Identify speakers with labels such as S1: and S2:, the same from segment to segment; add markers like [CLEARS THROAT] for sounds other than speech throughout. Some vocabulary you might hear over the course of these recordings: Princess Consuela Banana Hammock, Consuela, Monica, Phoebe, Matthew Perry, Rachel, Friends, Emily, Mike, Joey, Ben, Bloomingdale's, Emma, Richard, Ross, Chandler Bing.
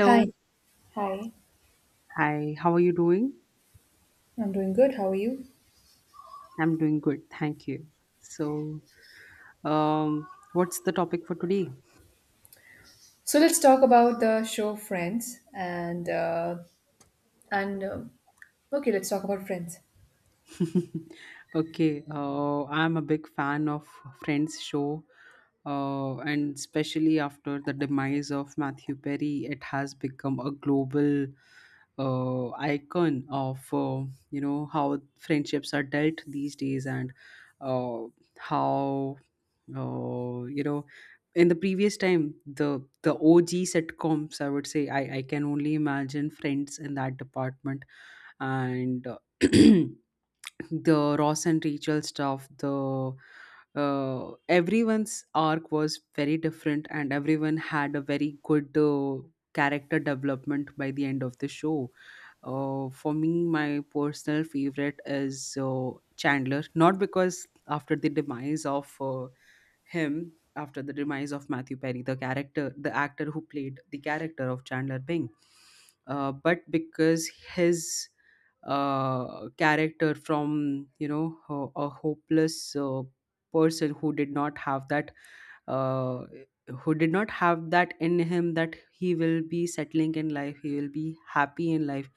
S1: Hi. Hi.
S2: Hi. How are you doing?
S1: I'm doing good. How are you?
S2: I'm doing good. Thank you. So, um, what's the topic for today?
S1: So let's talk about the show Friends and and um okay, let's talk about Friends.
S2: [LAUGHS] Okay. I'm a big fan of Friends show. And especially after the demise of Matthew Perry, it has become a global icon of you know how friendships are dealt these days and uh, how Oh, you know, in the previous time, the OG sitcoms, I would say, I can only imagine Friends in that department, and [CLEARS THROAT] the Ross and Rachel stuff. The Everyone's arc was very different, and everyone had a very good character development by the end of the show. For me, my personal favorite is Chandler, not because after the demise of him after the demise of Matthew Perry, the character, the actor who played the character of Chandler Bing. But because his character from you know a hopeless person who did not have that uh, who did not have that in him, that he will be settling in life, he will be happy in life.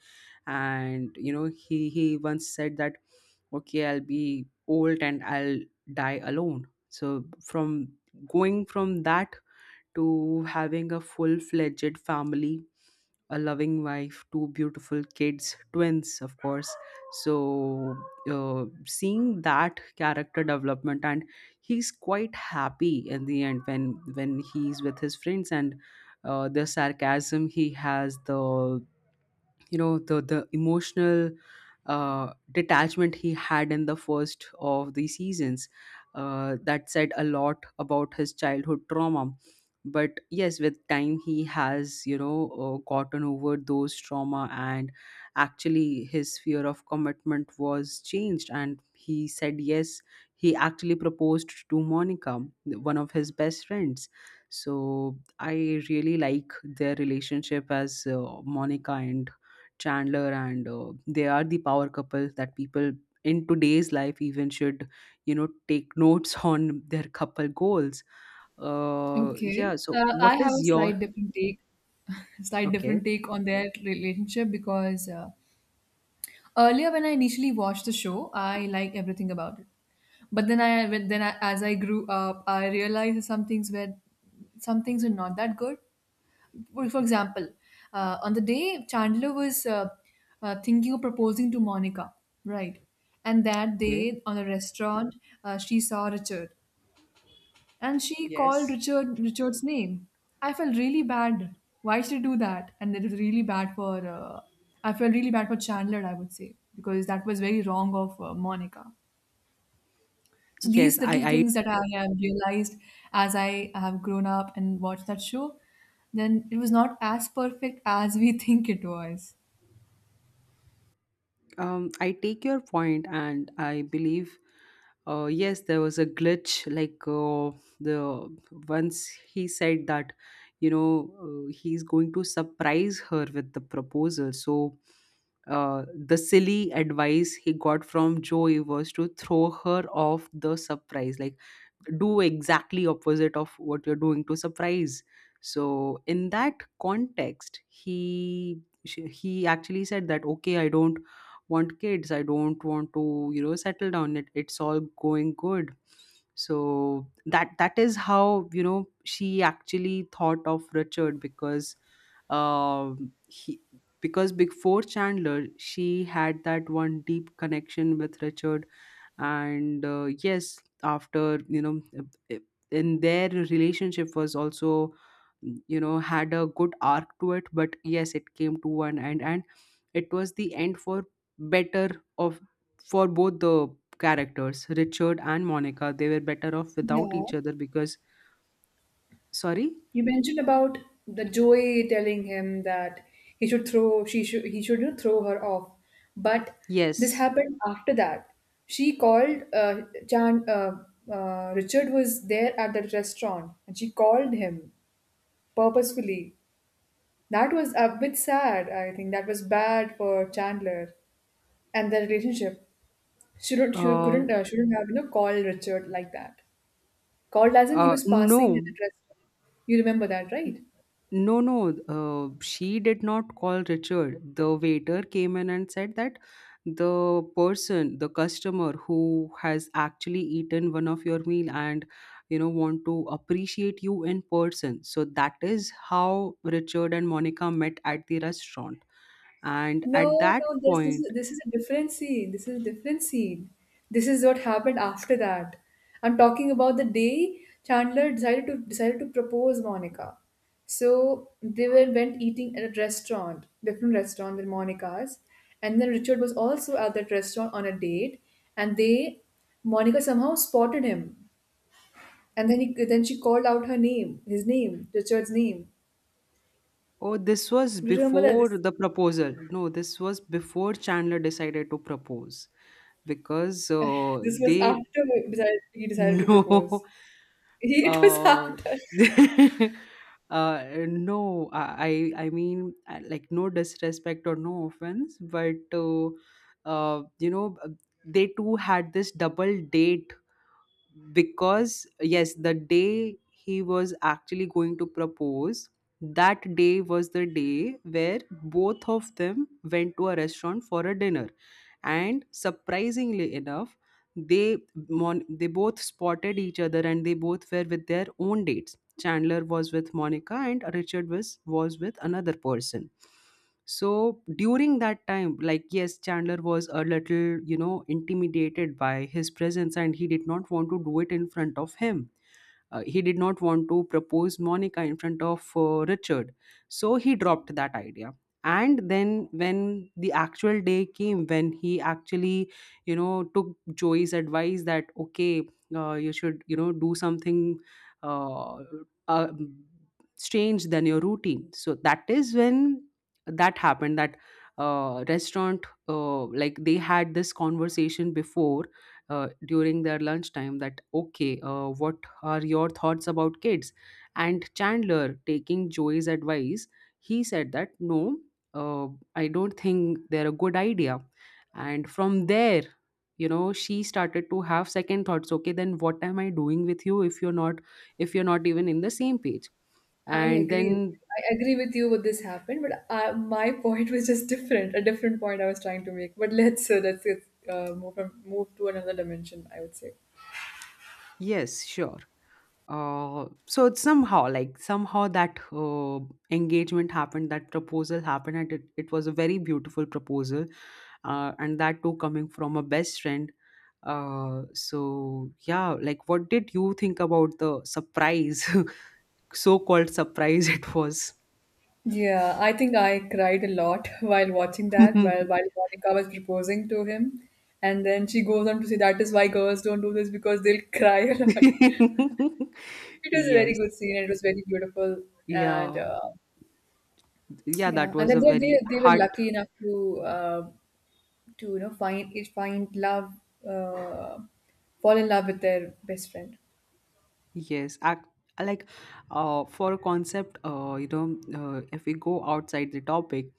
S2: And you know, he once said that, okay, I'll be old and I'll die alone. So from going from that to having a full-fledged family, a loving wife, two beautiful kids, twins of course. So seeing that character development, and he's quite happy in the end, when he's with his friends. And the sarcasm he has, the you know, the emotional detachment he had in the first of the seasons, that said a lot about his childhood trauma. But yes, with time he has, you know, gotten over those trauma, and actually his fear of commitment was changed, and he said yes. He actually proposed to Monica, one of his best friends. So I really like their relationship as Monica and Chandler. And they are the power couple that people in today's life even should, you know, take notes [LAUGHS] on their couple goals. Yeah,
S1: Okay.
S2: so what
S1: I have a
S2: is your
S1: slight different take, [LAUGHS] slight different
S2: okay?
S1: take on their relationship because earlier when I initially watched the show, I liked everything about it. But then I, when- then I, as I grew up, I realized some things were not that good. For example, on the day Chandler was thinking of proposing to Monica, right? And that
S2: Okay,
S1: day on a restaurant, she saw Richard, and she called
S2: yes,
S1: Richard's name. I felt really bad. Why should I do that? And it was really bad for. I felt really bad for Chandler. I would say because that was very wrong of Monica. So these
S2: yes,
S1: little things that I have realized as I have grown up and watched that show, then it was not as perfect as we [LAUGHS] think it was.
S2: um, I take your point, and I believe, yes, there was a glitch. Like the once he said that, you know, he's going to surprise her with the proposal. So, the silly advice he got from Joey was to throw her off the surprise, like do exactly opposite of what you're doing to surprise. So in that context, he she, he actually said that, okay, I don't want kids, I don't want to, you know, settle down, it's all going good. So that is how, you know, she actually thought of Richard. Because he, because before Chandler, she had that one deep connection with Richard. And yes, after, you know, uh, in their relationship was also, you know, had a good arc to it. But yes, it came to one end, and it was the end for better of, for both the characters. Richard and Monica, they were better off without
S1: Yeah.
S2: each other, because sorry.
S1: You mentioned about the Joey telling him that he should, you know, throw her off. But this
S2: Yes,
S1: happened after that. She called, uh, Chan, uh, Richard was there at the restaurant and she called him purposefully. That was a bit sad, I think. That was bad for Chandler and their relationship. Shouldn't She do not She
S2: uh
S1: could not Shouldn't have, you know, called Richard like that. Called as in he was passing at
S2: no.
S1: the restaurant. You remember that, right?
S2: No, no, she did not call Richard. The waiter came in and said that the person, the customer who has actually eaten one of your meal and you know want to appreciate you in person. So that is how Richard and Monica met at the restaurant. And at
S1: No,
S2: that
S1: no, this this is
S2: point,
S1: this is a different scene. This is a different scene. This is what happened after that. I'm talking about the day Chandler decided to propose Monica. So they were went eating at a restaurant, different restaurant than Monica's, and then Richard was also at that restaurant on a date, and they Monica somehow spotted him, and then she called out her name, his name, Richard's name.
S2: oh, this was
S1: Do you remember that
S2: before
S1: this
S2: the proposal. No, this was before Chandler decided to propose because
S1: this was
S2: they
S1: after he decided he
S2: [LAUGHS]
S1: decided to
S2: no.
S1: propose. [LAUGHS] It was
S2: Uh,
S1: after.
S2: [LAUGHS] no, I mean like no disrespect or no offense, but you know they too had this double date. Because yes, the day he was actually going to propose, that day was the day where both of them went to a restaurant for a dinner. And surprisingly enough, they they both spotted each other, and they both were with their own dates. Chandler was with Monica, and Richard was with another person. So during that time, like, yes, Chandler was a little, you know, intimidated by his presence, and he did not want to do it in front of him. He did not want to propose Monica in front of Richard. So he dropped that idea. And then when the actual day came, when he actually, you know, took Joey's advice that, okay, you should, you know, do something uh, uh, strange than your routine. So that is when that happened, that restaurant, like they had this conversation before, during their lunchtime, that okay, what are your thoughts about kids. And Chandler, taking Joey's advice, he said that no, uh, I don't think they're a good idea. And from there, you know, she started to have second thoughts. Okay, then what am I doing with you if you're not, if you're not even in the same page?
S1: I
S2: And
S1: agree.
S2: then
S1: I agree with you what this happened, but my [LAUGHS] point was just different, a different point I was trying to make. But let's move move to another dimension, I would say.
S2: yes, sure. So it's somehow like somehow that engagement happened, that proposal happened, and it was a very beautiful proposal, and that too coming from a best friend. So yeah, like what did you think about the surprise, [LAUGHS] so-called surprise it was?
S1: Yeah, I think I cried a lot [LAUGHS] while watching that, while
S2: [LAUGHS]
S1: Monica was proposing to him, and then she goes on to say that is why girls don't do this because they'll [LAUGHS] cry a lot. [LAUGHS] It was a very
S2: Yes,
S1: good scene. And it was very beautiful, and
S2: yeah, yeah,
S1: yeah,
S2: that
S1: and
S2: was
S1: then
S2: a
S1: they they
S2: very
S1: they were
S2: heart.
S1: lucky enough to. Uh, to, you know, find love uh, fall in love with their best friend.
S2: Yes, act like for a concept, you know, if we go outside the topic,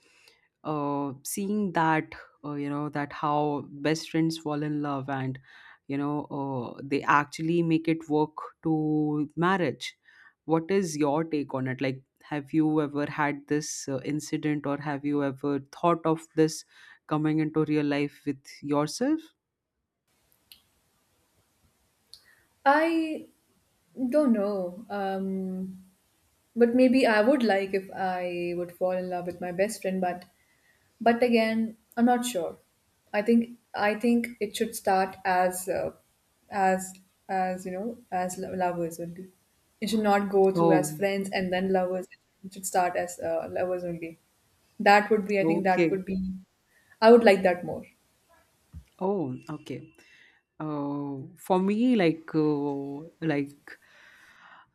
S2: seeing that, you know, that how best friends fall in love and, you know, they actually make it work to marriage. What is your take on it? Like, have you ever had this incident, or have you ever thought of this coming into real life with yourself?
S1: I don't know, but maybe I would like if I would fall in love with my best friend, but again I'm not sure. I think it should start as as as, you know, as lovers only. It should not go through as
S2: Oh,
S1: friends and then lovers. It should start as lovers only. That would be, I think that
S2: okay.
S1: would be, I would like that more.
S2: Oh, okay. For me, like uh, like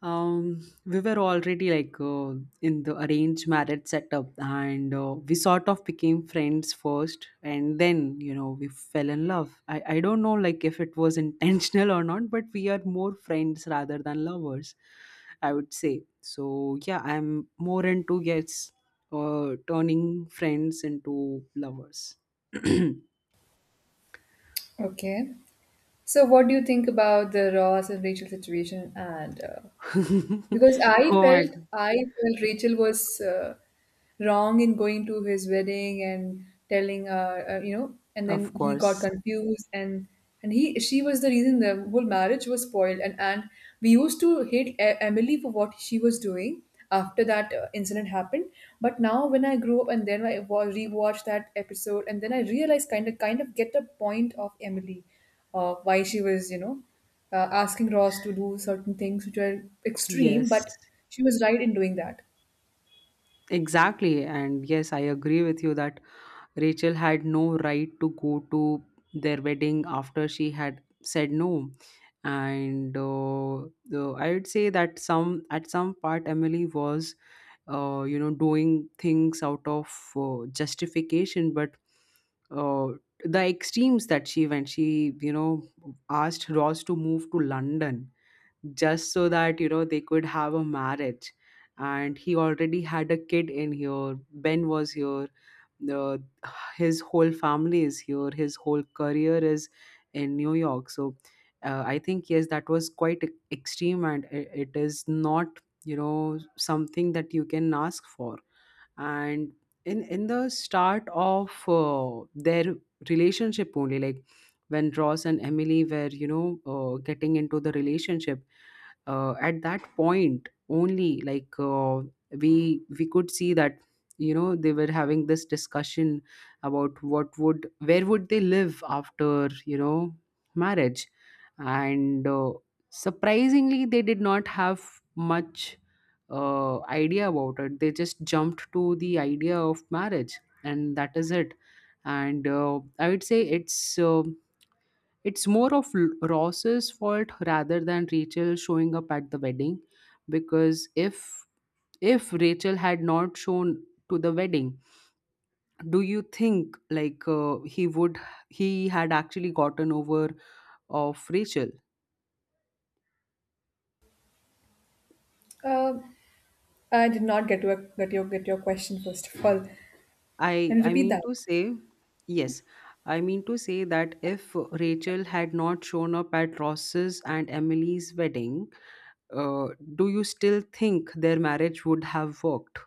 S2: um, we were already like in the arranged marriage setup, and we sort of became friends first, and then you know we fell in love. I don't know like if it was [LAUGHS] intentional or not, but we are more friends rather than lovers. I would say so. Yeah, I'm more into yes, turning friends into lovers. [CLEARS THROAT]
S1: Okay. So, what do you think about the Ross and Rachel situation? And
S2: [LAUGHS]
S1: Because I
S2: oh my.
S1: felt I felt Rachel was wrong in going to his wedding and telling you know, and then
S2: Of
S1: he got
S2: course.
S1: confused, and he, she was the reason the whole marriage was spoiled, and we used to hate Emily for what she was doing after that incident happened. But now when I grew up and then I rewatched that episode and then I realized, kind of get the point of Emily, why she was, you know, asking Ross to do certain things which were extreme,
S2: Yes,
S1: but she was right in doing that.
S2: exactly. And yes, I agree with you that Rachel had no right to go to their wedding after she had said no. And I would say that some at some part Emily was, you know, doing things out of justification. But uh, the extremes that she went, she, you know, asked Ross to move to London just so that you know they could have a marriage. And he already had a kid in here. Ben was here, the his whole family is here, his whole career is in New York. So I think yes, that was quite extreme, and it is not, you know, something that you can ask for. And in the start of their relationship only, like when Ross and Emily were, you know, getting into the relationship, at that point only, like we could see that, you know, they were having this discussion about what would, where would they live after, you know, marriage. And surprisingly, they did not have much idea about it. They just jumped to the idea of marriage and that is it. And I would say it's more of Ross's fault rather than Rachel showing up at the wedding. Because if Rachel had not shown to the wedding, do you think like he had actually gotten over of Rachel?
S1: Um I did not get to get your question first of all.
S2: I
S1: Can you
S2: I
S1: repeat
S2: mean
S1: that?
S2: to say yes. I mean to say that if Rachel had not shown up at Ross's and Emily's wedding, uh, do you still think their marriage would have worked?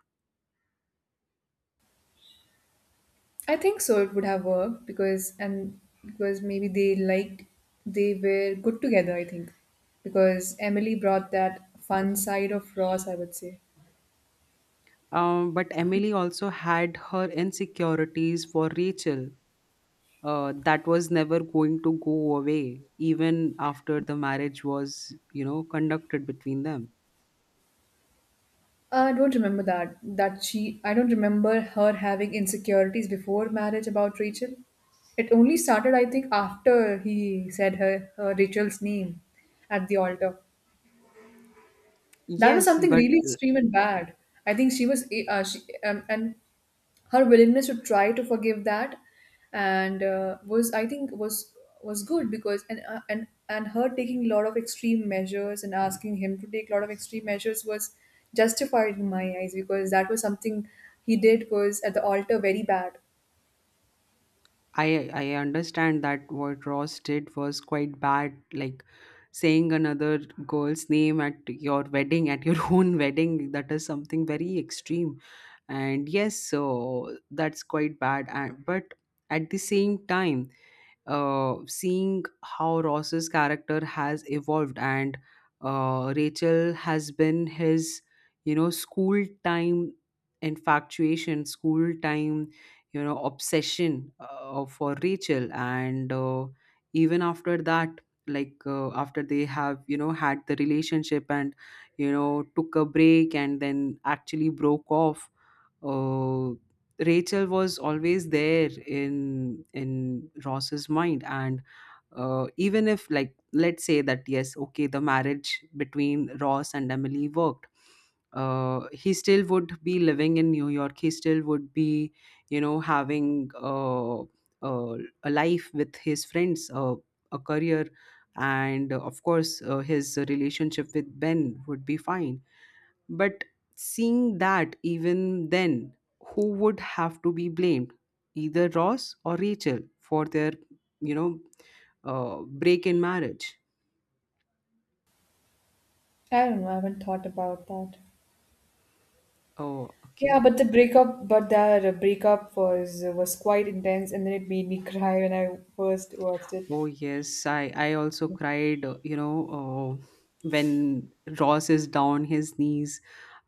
S1: I think so. It would have worked because maybe they were good together. I think because Emily brought that fun side of Ross. I would say.
S2: But Emily also had her insecurities for Rachel. That was never going to go away, even after the marriage was, you know, conducted between them.
S1: I don't remember that. That she, I don't remember her having insecurities before marriage about Rachel. It only started, I think, after he said her, her Rachel's name at the altar. That was
S2: Yes,
S1: something
S2: but
S1: really extreme and bad. I think she was, eh, she, and Her willingness to try to forgive that, and was I think was good because and her taking a lot of extreme measures and asking him to take a lot of extreme measures was justified in my eyes, because that was something he did was at the altar, very bad.
S2: I understand that what Ross did was quite bad, like saying another girl's name at your wedding, at your [LAUGHS] own wedding. That is something very extreme, and yes, so that's quite bad. And but at the same time, seeing how Ross's character has evolved, and Rachel has been his, you know, school time infatuation, school time, you know, obsession for Rachel. And even after that, like after they have, you know, had the relationship and, you know, took a break and then actually broke off, uh, Rachel was always there in Ross's mind. And even if, like, let's say that yes, okay, the marriage between Ross and Emily worked, he still would be living in New York. He still would be, you know, having uh, a life with his friends, a career, and of course, his relationship with Ben would be fine. But seeing that even then, who would have to be blamed? Either Ross or Rachel for their, you know, break in marriage.
S1: I don't know. I haven't thought about that.
S2: Oh,
S1: Yeah,
S2: okay.
S1: but the breakup, but that breakup was quite intense, and then it made me cry when I first watched it.
S2: Oh, yes. I also cried, when Ross is down his knees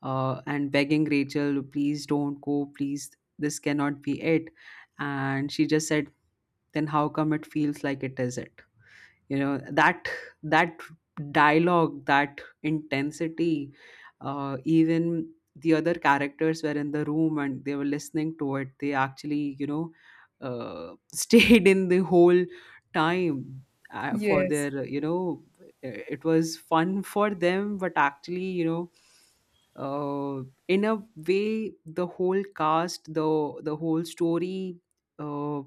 S2: and begging Rachel, please don't go, please, this cannot be it. And she just said, then how come it feels like it is it? You know that that dialogue, that intensity, even the other characters were in the room and they were listening to it. They actually, [LAUGHS] stayed in the whole time for
S1: Yes.
S2: their you know It was fun for them, but actually, in a way, the whole cast, the whole story, uh,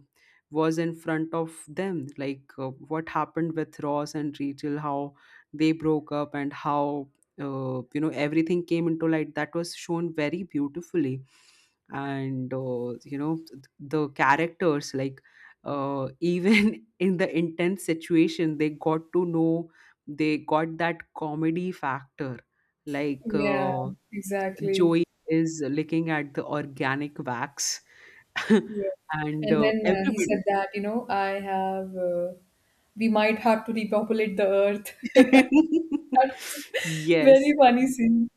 S2: was in front of them, like what happened with Ross and Rachel, how they broke up, and how, everything came into light. That was shown very beautifully. And the characters, like, even [LAUGHS] in the intense situation, they got to know, they got that comedy factor, like,
S1: Yeah, exactly.
S2: Joey is looking at the organic wax. [LAUGHS]
S1: Yeah.
S2: And
S1: And then he
S2: everybody
S1: said that, you know, I have, we might have to repopulate the earth. [LAUGHS]
S2: [LAUGHS]
S1: That's very
S2: yes.
S1: funny scene.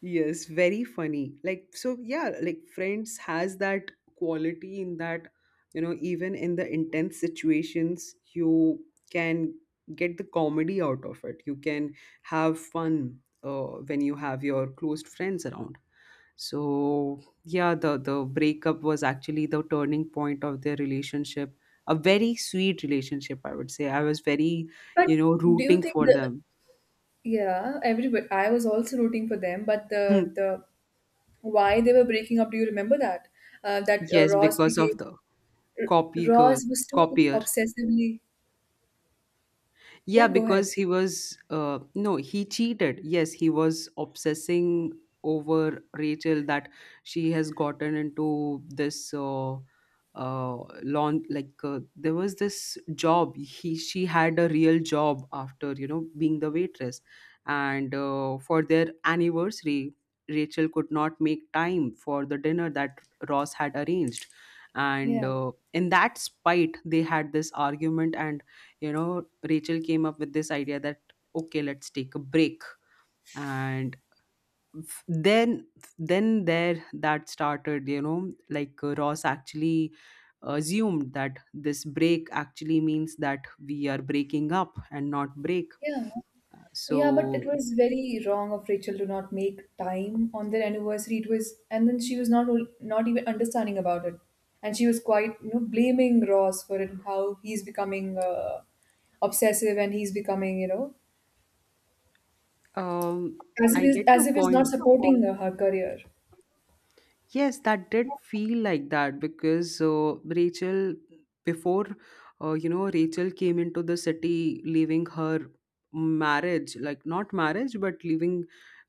S2: Yes, very funny. Like, so yeah, like, Friends has that quality, in that, you know, even in the intense situations, you can get the comedy out of it. You can have fun when you have your closed friends around. So yeah, the breakup was actually the turning point of their relationship. A very sweet relationship, I would say. I was very,
S1: But
S2: you know,
S1: do you
S2: rooting
S1: think
S2: for them.
S1: everybody, I was also rooting for them, but
S2: [LAUGHS]
S1: why they were breaking up, do you remember that? Uh, that uh,
S2: Yes,
S1: Ross
S2: because of
S1: became,
S2: the copy girl,
S1: Ross was too
S2: copier.
S1: obsessively, yeah,
S2: Yeah,
S1: go
S2: because
S1: ahead.
S2: he was no, he cheated. Yes, he was obsessing over Rachel, that she has gotten into this uh, lawn. Like, there was this job. He she had a real job, after, you know, being the waitress, and for their anniversary, Rachel could not make time for the dinner that Ross had arranged, and
S1: Yeah,
S2: in that spite, they had this argument, and you know, Rachel came up with this idea that, okay, let's take a break. And f- then, then there that started, you know, like, Ross actually assumed that this break actually means that we are breaking up and not break.
S1: yeah. Yeah, but it
S2: So,
S1: was very wrong of Rachel to not make time on their anniversary. It was, and then she was not even understanding about it, and she was quite, you know, blaming Ross for it and how he's becoming obsessive and he's becoming, you know,
S2: um,
S1: as if
S2: I get
S1: as
S2: your
S1: if he's not
S2: point.
S1: supporting her, her career.
S2: Yes, that did feel like that, because Rachel, before, Rachel came into the city, leaving her marriage, like, not marriage, but leaving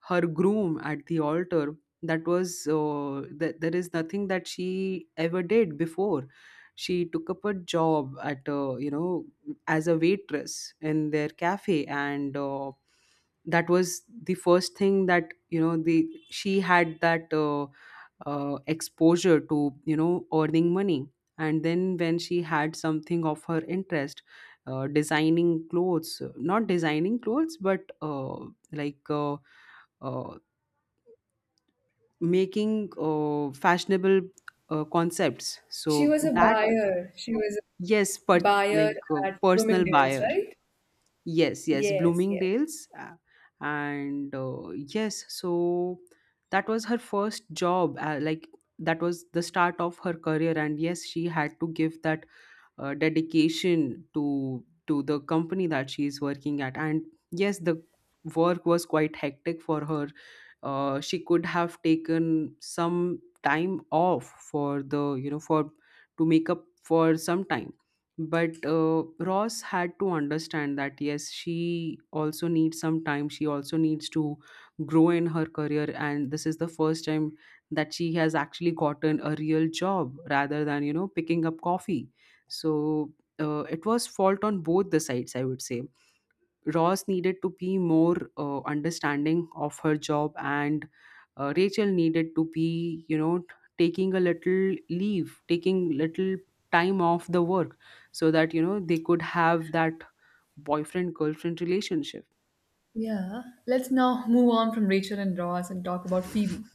S2: her groom at the altar. That was, that, there is nothing that she ever did before. She took up a job at, as a waitress in their cafe, and that was the first thing that, you know, the she had that. Exposure to, you know, earning money. And then when she had something of her interest, designing clothes, not designing clothes, but like uh, uh, making fashionable concepts,
S1: She
S2: so
S1: was a
S2: that,
S1: buyer. She was a
S2: yes, but
S1: buyer
S2: like,
S1: at
S2: personal
S1: Bloomingdale's,
S2: buyer.
S1: right?
S2: Yes, yes,
S1: Yes, yes.
S2: Bloomingdale's. And yes, so that was her first job. Like, that was the start of her career. And yes, she had to give that dedication to to the company that she is working at. And yes, the work was quite hectic for her. She could have taken some time off for the, you know, for to make up for some time. But Ross had to understand that yes, she also needs some time, she also needs to grow in her career, and this is the first time that she has actually gotten a real job rather than, you know, picking up coffee. So it was fault on both the sides, I would say. Ross needed to be more understanding of her job, and Rachel needed to be, you know, taking a little leave, taking little time off the work, so that, you know, they could have that boyfriend girlfriend relationship.
S1: Yeah. Let's now move on from Rachel and Ross and talk about Phoebe,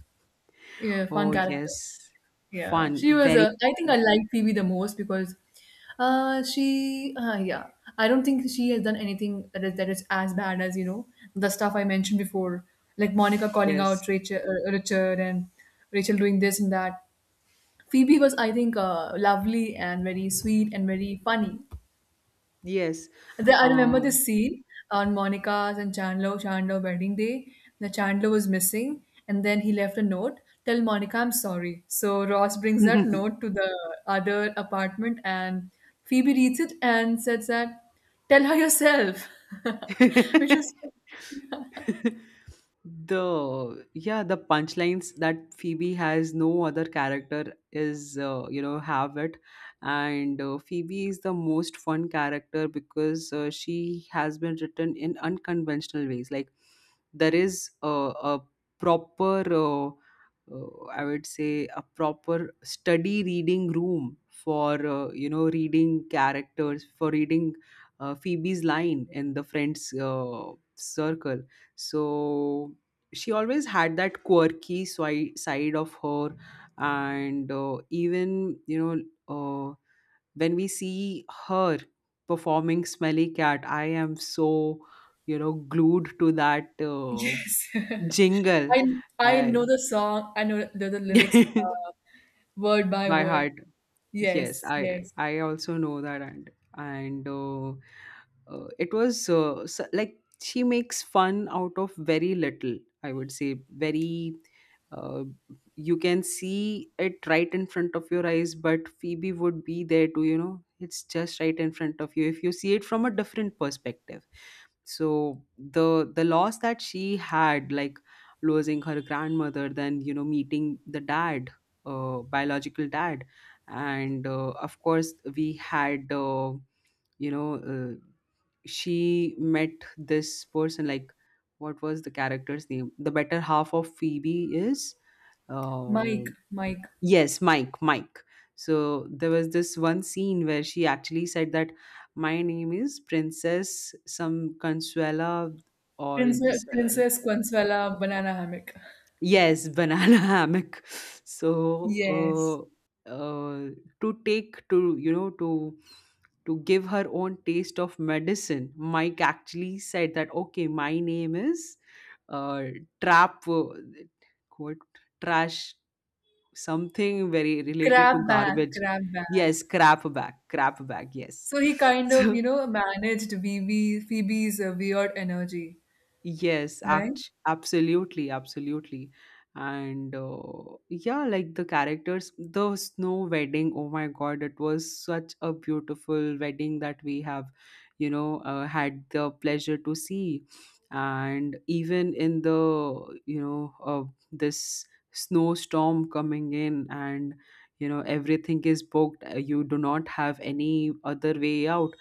S1: a fun
S2: Oh
S1: character.
S2: yes,
S1: Yeah,
S2: fun,
S1: she was.
S2: very
S1: I think
S2: fun.
S1: I like Phoebe the most because, she. Yeah, I don't think she has done anything that is as bad as, you know, the stuff I mentioned before, like Monica calling
S2: Yes,
S1: out Rachel, Richard, and Rachel doing this and that. Phoebe was, I think, lovely and very sweet and very funny.
S2: yes.
S1: I remember the
S2: Um,
S1: scene on Monica's and Chandler wedding day. The Chandler was missing, and then he left a note. Tell Monica I'm sorry. So Ross brings that note to the other apartment, and Phoebe reads it and says that, "Tell her yourself," [LAUGHS] which was
S2: [LAUGHS] [LAUGHS] the yeah, the punchlines that Phoebe has, no other character is, you know, have it. And Phoebe is the most fun character, because she has been written in unconventional ways. Like, there is a proper, uh, I would say a proper study reading room for, you know, reading characters, for reading Phoebe's line in the Friends circle. So she always had that quirky side of her. And even, you know, uh, when we see her performing Smelly Cat, I am so, you know, glued to that
S1: yes.
S2: jingle,
S1: [LAUGHS] I I
S2: uh,
S1: know the song. I know the lyrics
S2: [LAUGHS]
S1: uh, word by
S2: by
S1: word.
S2: heart. Yes,
S1: Yes,
S2: i
S1: yes.
S2: i also know that. And it was, like, she makes fun out of very little. I would say very, uh, you can see it right in front of your eyes, but Phoebe would be there to, you know, it's just right in front of you if you see it from a different perspective. So the loss that she had, like losing her grandmother, then, you know, meeting the dad, biological dad. And of course, we had, you know uh, she met this person. Like, what was the character's name, the better half of Phoebe is, uh,
S1: Mike, Mike.
S2: yes, Mike. So there was this one scene where she actually said that, my name is Princess some Consuela, or this,
S1: Princess Consuela Banana Hammock.
S2: yes, banana [LAUGHS] hammock.
S1: Yes.
S2: So, uh, uh, to take to, you know, to give her own taste of medicine, Mike actually said that, okay, my name is uh, trap, quote, trash, something very related
S1: Grab
S2: to
S1: bag,
S2: garbage.
S1: grab bag.
S2: Yes, crap bag, crap bag. Yes.
S1: So he kind
S2: [LAUGHS]
S1: of, you know, managed Phoebe, Phoebe's weird energy,
S2: Yes,
S1: right?
S2: act absolutely, absolutely. And yeah, like the characters, the snow wedding. Oh my God, it was such a beautiful wedding that we have, had the pleasure to see. And even in the, this snowstorm coming in and, you know, everything is booked. You do not have any other way out,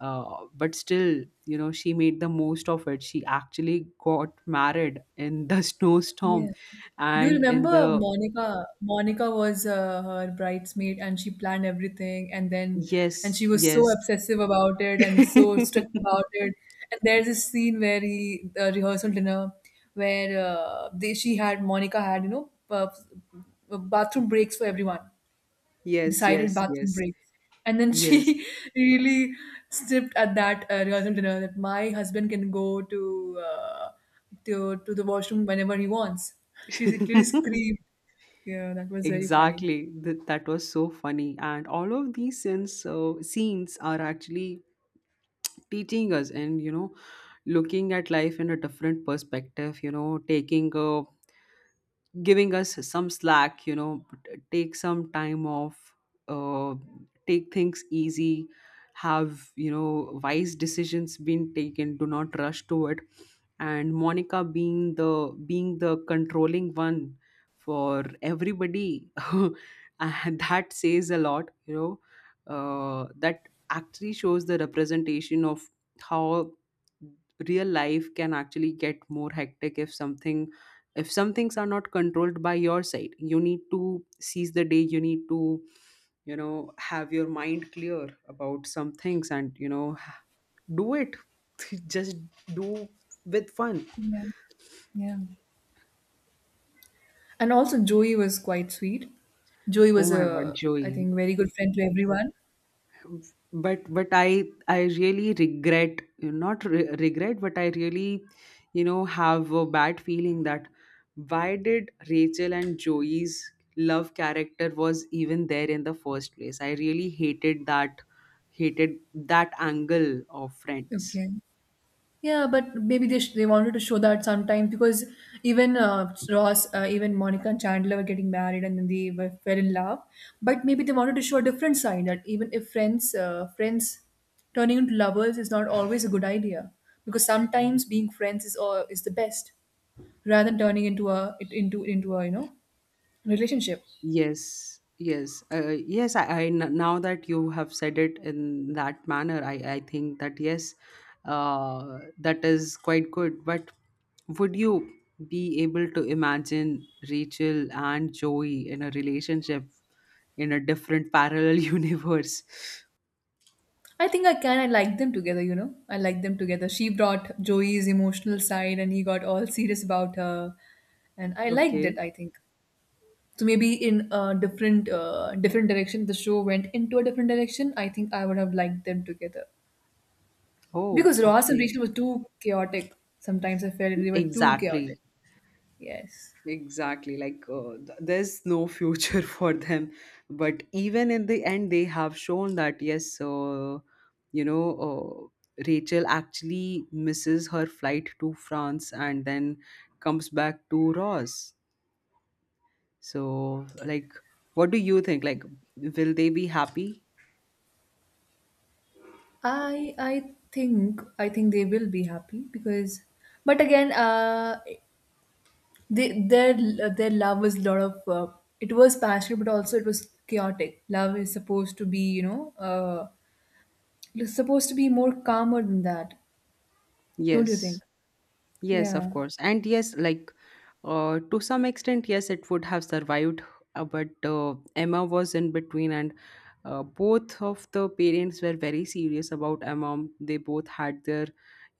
S2: but still, you know, she made the most of it. She actually got married in the [LAUGHS] snowstorm,
S1: Yeah. Do you
S2: and in
S1: remember
S2: the,
S1: Monica? Monica was her bridesmaid and she planned everything, and then and
S2: yes,
S1: she was
S2: yes,
S1: so obsessive about it and so
S2: [LAUGHS]
S1: strict about it. And there's this scene where the rehearsal dinner where she had, Monica had, you know, bathroom breaks for everyone
S2: yes,
S1: decided
S2: yes,
S1: bathroom
S2: yes.
S1: breaks. And then
S2: Yes,
S1: she [LAUGHS] really snipped at that rehearsal dinner that my husband can go to to the washroom whenever he wants. [LAUGHS] She literally
S2: [LAUGHS]
S1: screamed. Yeah, that was very funny.
S2: exactly. That was so funny. And all of these scenes, so scenes are actually teaching us, and, you know, looking at life in a different perspective, you know, taking a, giving us some slack, you know, take some time off, uh, take things easy, have, you know, wise decisions been taken, do not rush to it. And Monica being the, being the controlling one for everybody. [LAUGHS] And that says a lot, you know, that actually shows the representation of how real life can actually get more hectic if something, if some things are not controlled by your side. You need to seize the day, you need to, you know, have your mind clear about some things, and, you know, do it. [LAUGHS] Just do with fun.
S1: Yeah, yeah. And also Joey was quite sweet. Joey
S2: Oh
S1: was
S2: my God,
S1: a, I
S2: Joey.
S1: think, very good friend to everyone.
S2: But but I really regret, not re- regret, but I really, you know, have a bad feeling that why did Rachel and Joey's love character was even there in the first place. I really hated that, hated that angle of Friends.
S1: Okay. Yeah, but maybe they wanted to show that, sometimes, because even even Monica and Chandler were getting married and then they were fell in love. But maybe they wanted to show a different side that even if friends turning into lovers is not always a good idea, because sometimes being friends is the best rather than turning into a it into a, you know, relationship.
S2: Yes, yes, yes. Now that you have said it in that manner, I think that yes, that is quite good. But would you be able to imagine Rachel and Joey in a relationship, in a different parallel [LAUGHS] universe?
S1: I think I can. I like them together, you know. I like them together. She brought Joey's emotional side and he got all serious about her. And I liked it,
S2: Okay.
S1: I think. So maybe in a different different direction, the show went into a different direction. I think I would have liked them together.
S2: Oh,
S1: Because Ross and
S2: okay.
S1: Rachel were too chaotic. Sometimes I felt they were too chaotic.
S2: Exactly.
S1: Yes.
S2: Exactly, like, there's no future [LAUGHS] for them. But even in the end, they have shown that yes, you know, Rachel actually misses her flight to France and then comes back to Ross. So, like, what do you think? Like, will they be happy?
S1: I think they will be happy because, but again they, their love was a lot of it was passionate, but also it was chaotic. Love is supposed to be, you know, it's supposed to be more calmer than that, don't you think?
S2: Yes, yes, of
S1: yeah
S2: course, and yes, like, uh, to some extent, yes, it would have survived, but Emma was in between, and both of the parents were very serious about Emma. They both had their,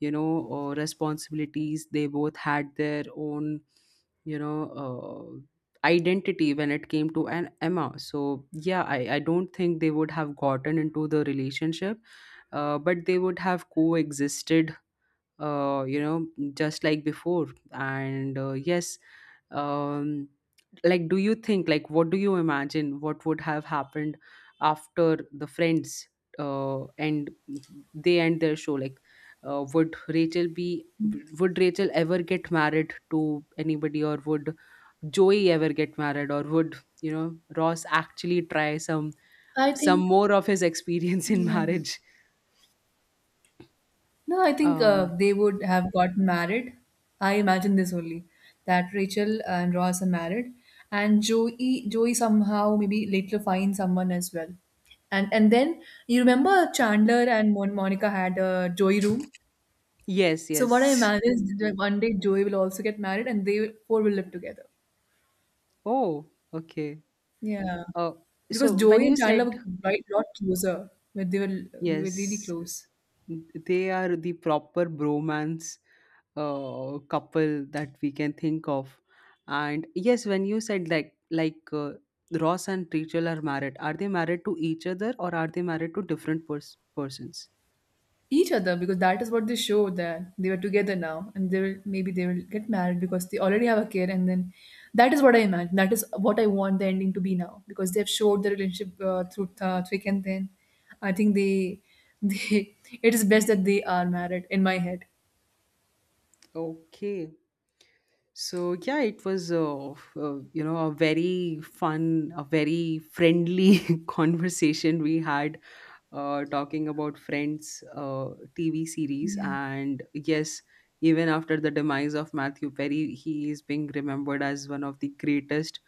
S2: responsibilities. They both had their own, identity when it came to an Emma. So yeah, I don't think they would have gotten into the relationship, but they would have coexisted, you know, just like before. And yes, um, like, do you think, like, what do you imagine what would have happened after the Friends, and they end their show? Like, would Rachel be, would Rachel ever get married to anybody, or would Joey ever get married, or would, you know, Ross actually try some
S1: i
S2: some
S1: think
S2: more of his [LAUGHS] experience in
S1: yeah,
S2: marriage?
S1: no, I think
S2: Um,
S1: they would have got married. I imagine this only, that Rachel and Ross are married, and Joey somehow maybe later finds someone as well, and then you remember Chandler and Monica had a Joey room.
S2: yes,
S1: So what I
S2: yes.
S1: imagine is that, like, one day Joey will also get married and they will, four will live together.
S2: Oh, okay.
S1: Yeah.
S2: Uh,
S1: Because
S2: so when
S1: Joey and
S2: you
S1: Chandler
S2: said,
S1: were right a lot closer. But they were really
S2: yes,
S1: close.
S2: they are the proper bromance couple that we can think of. And yes, when you said like, Ross and Rachel are married, are they married to each other, or are they married to different persons?
S1: Each other, because that is what they show, that they were together now and they will maybe they will get married because they already have a kid, and then that is what I imagine. That is what I want the ending to be now, because they have showed the relationship through thick and thin. I think they [LAUGHS] it is best that they are married in my head.
S2: Okay. So yeah, it was a, a very fun, a very friendly [LAUGHS] conversation we had talking about Friends, TV series.
S1: Yeah.
S2: And yes, even after the demise of Matthew Perry, he is being remembered as one of the greatest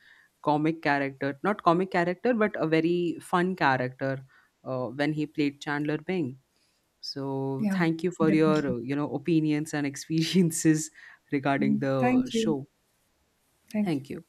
S2: comic character, not comic character, but a very fun character when he played Chandler Bing. So
S1: Yeah,
S2: thank you for your,
S1: definitely.
S2: opinions and experiences [LAUGHS] regarding the
S1: Thank you.
S2: show.
S1: Thank you.
S2: Thank you.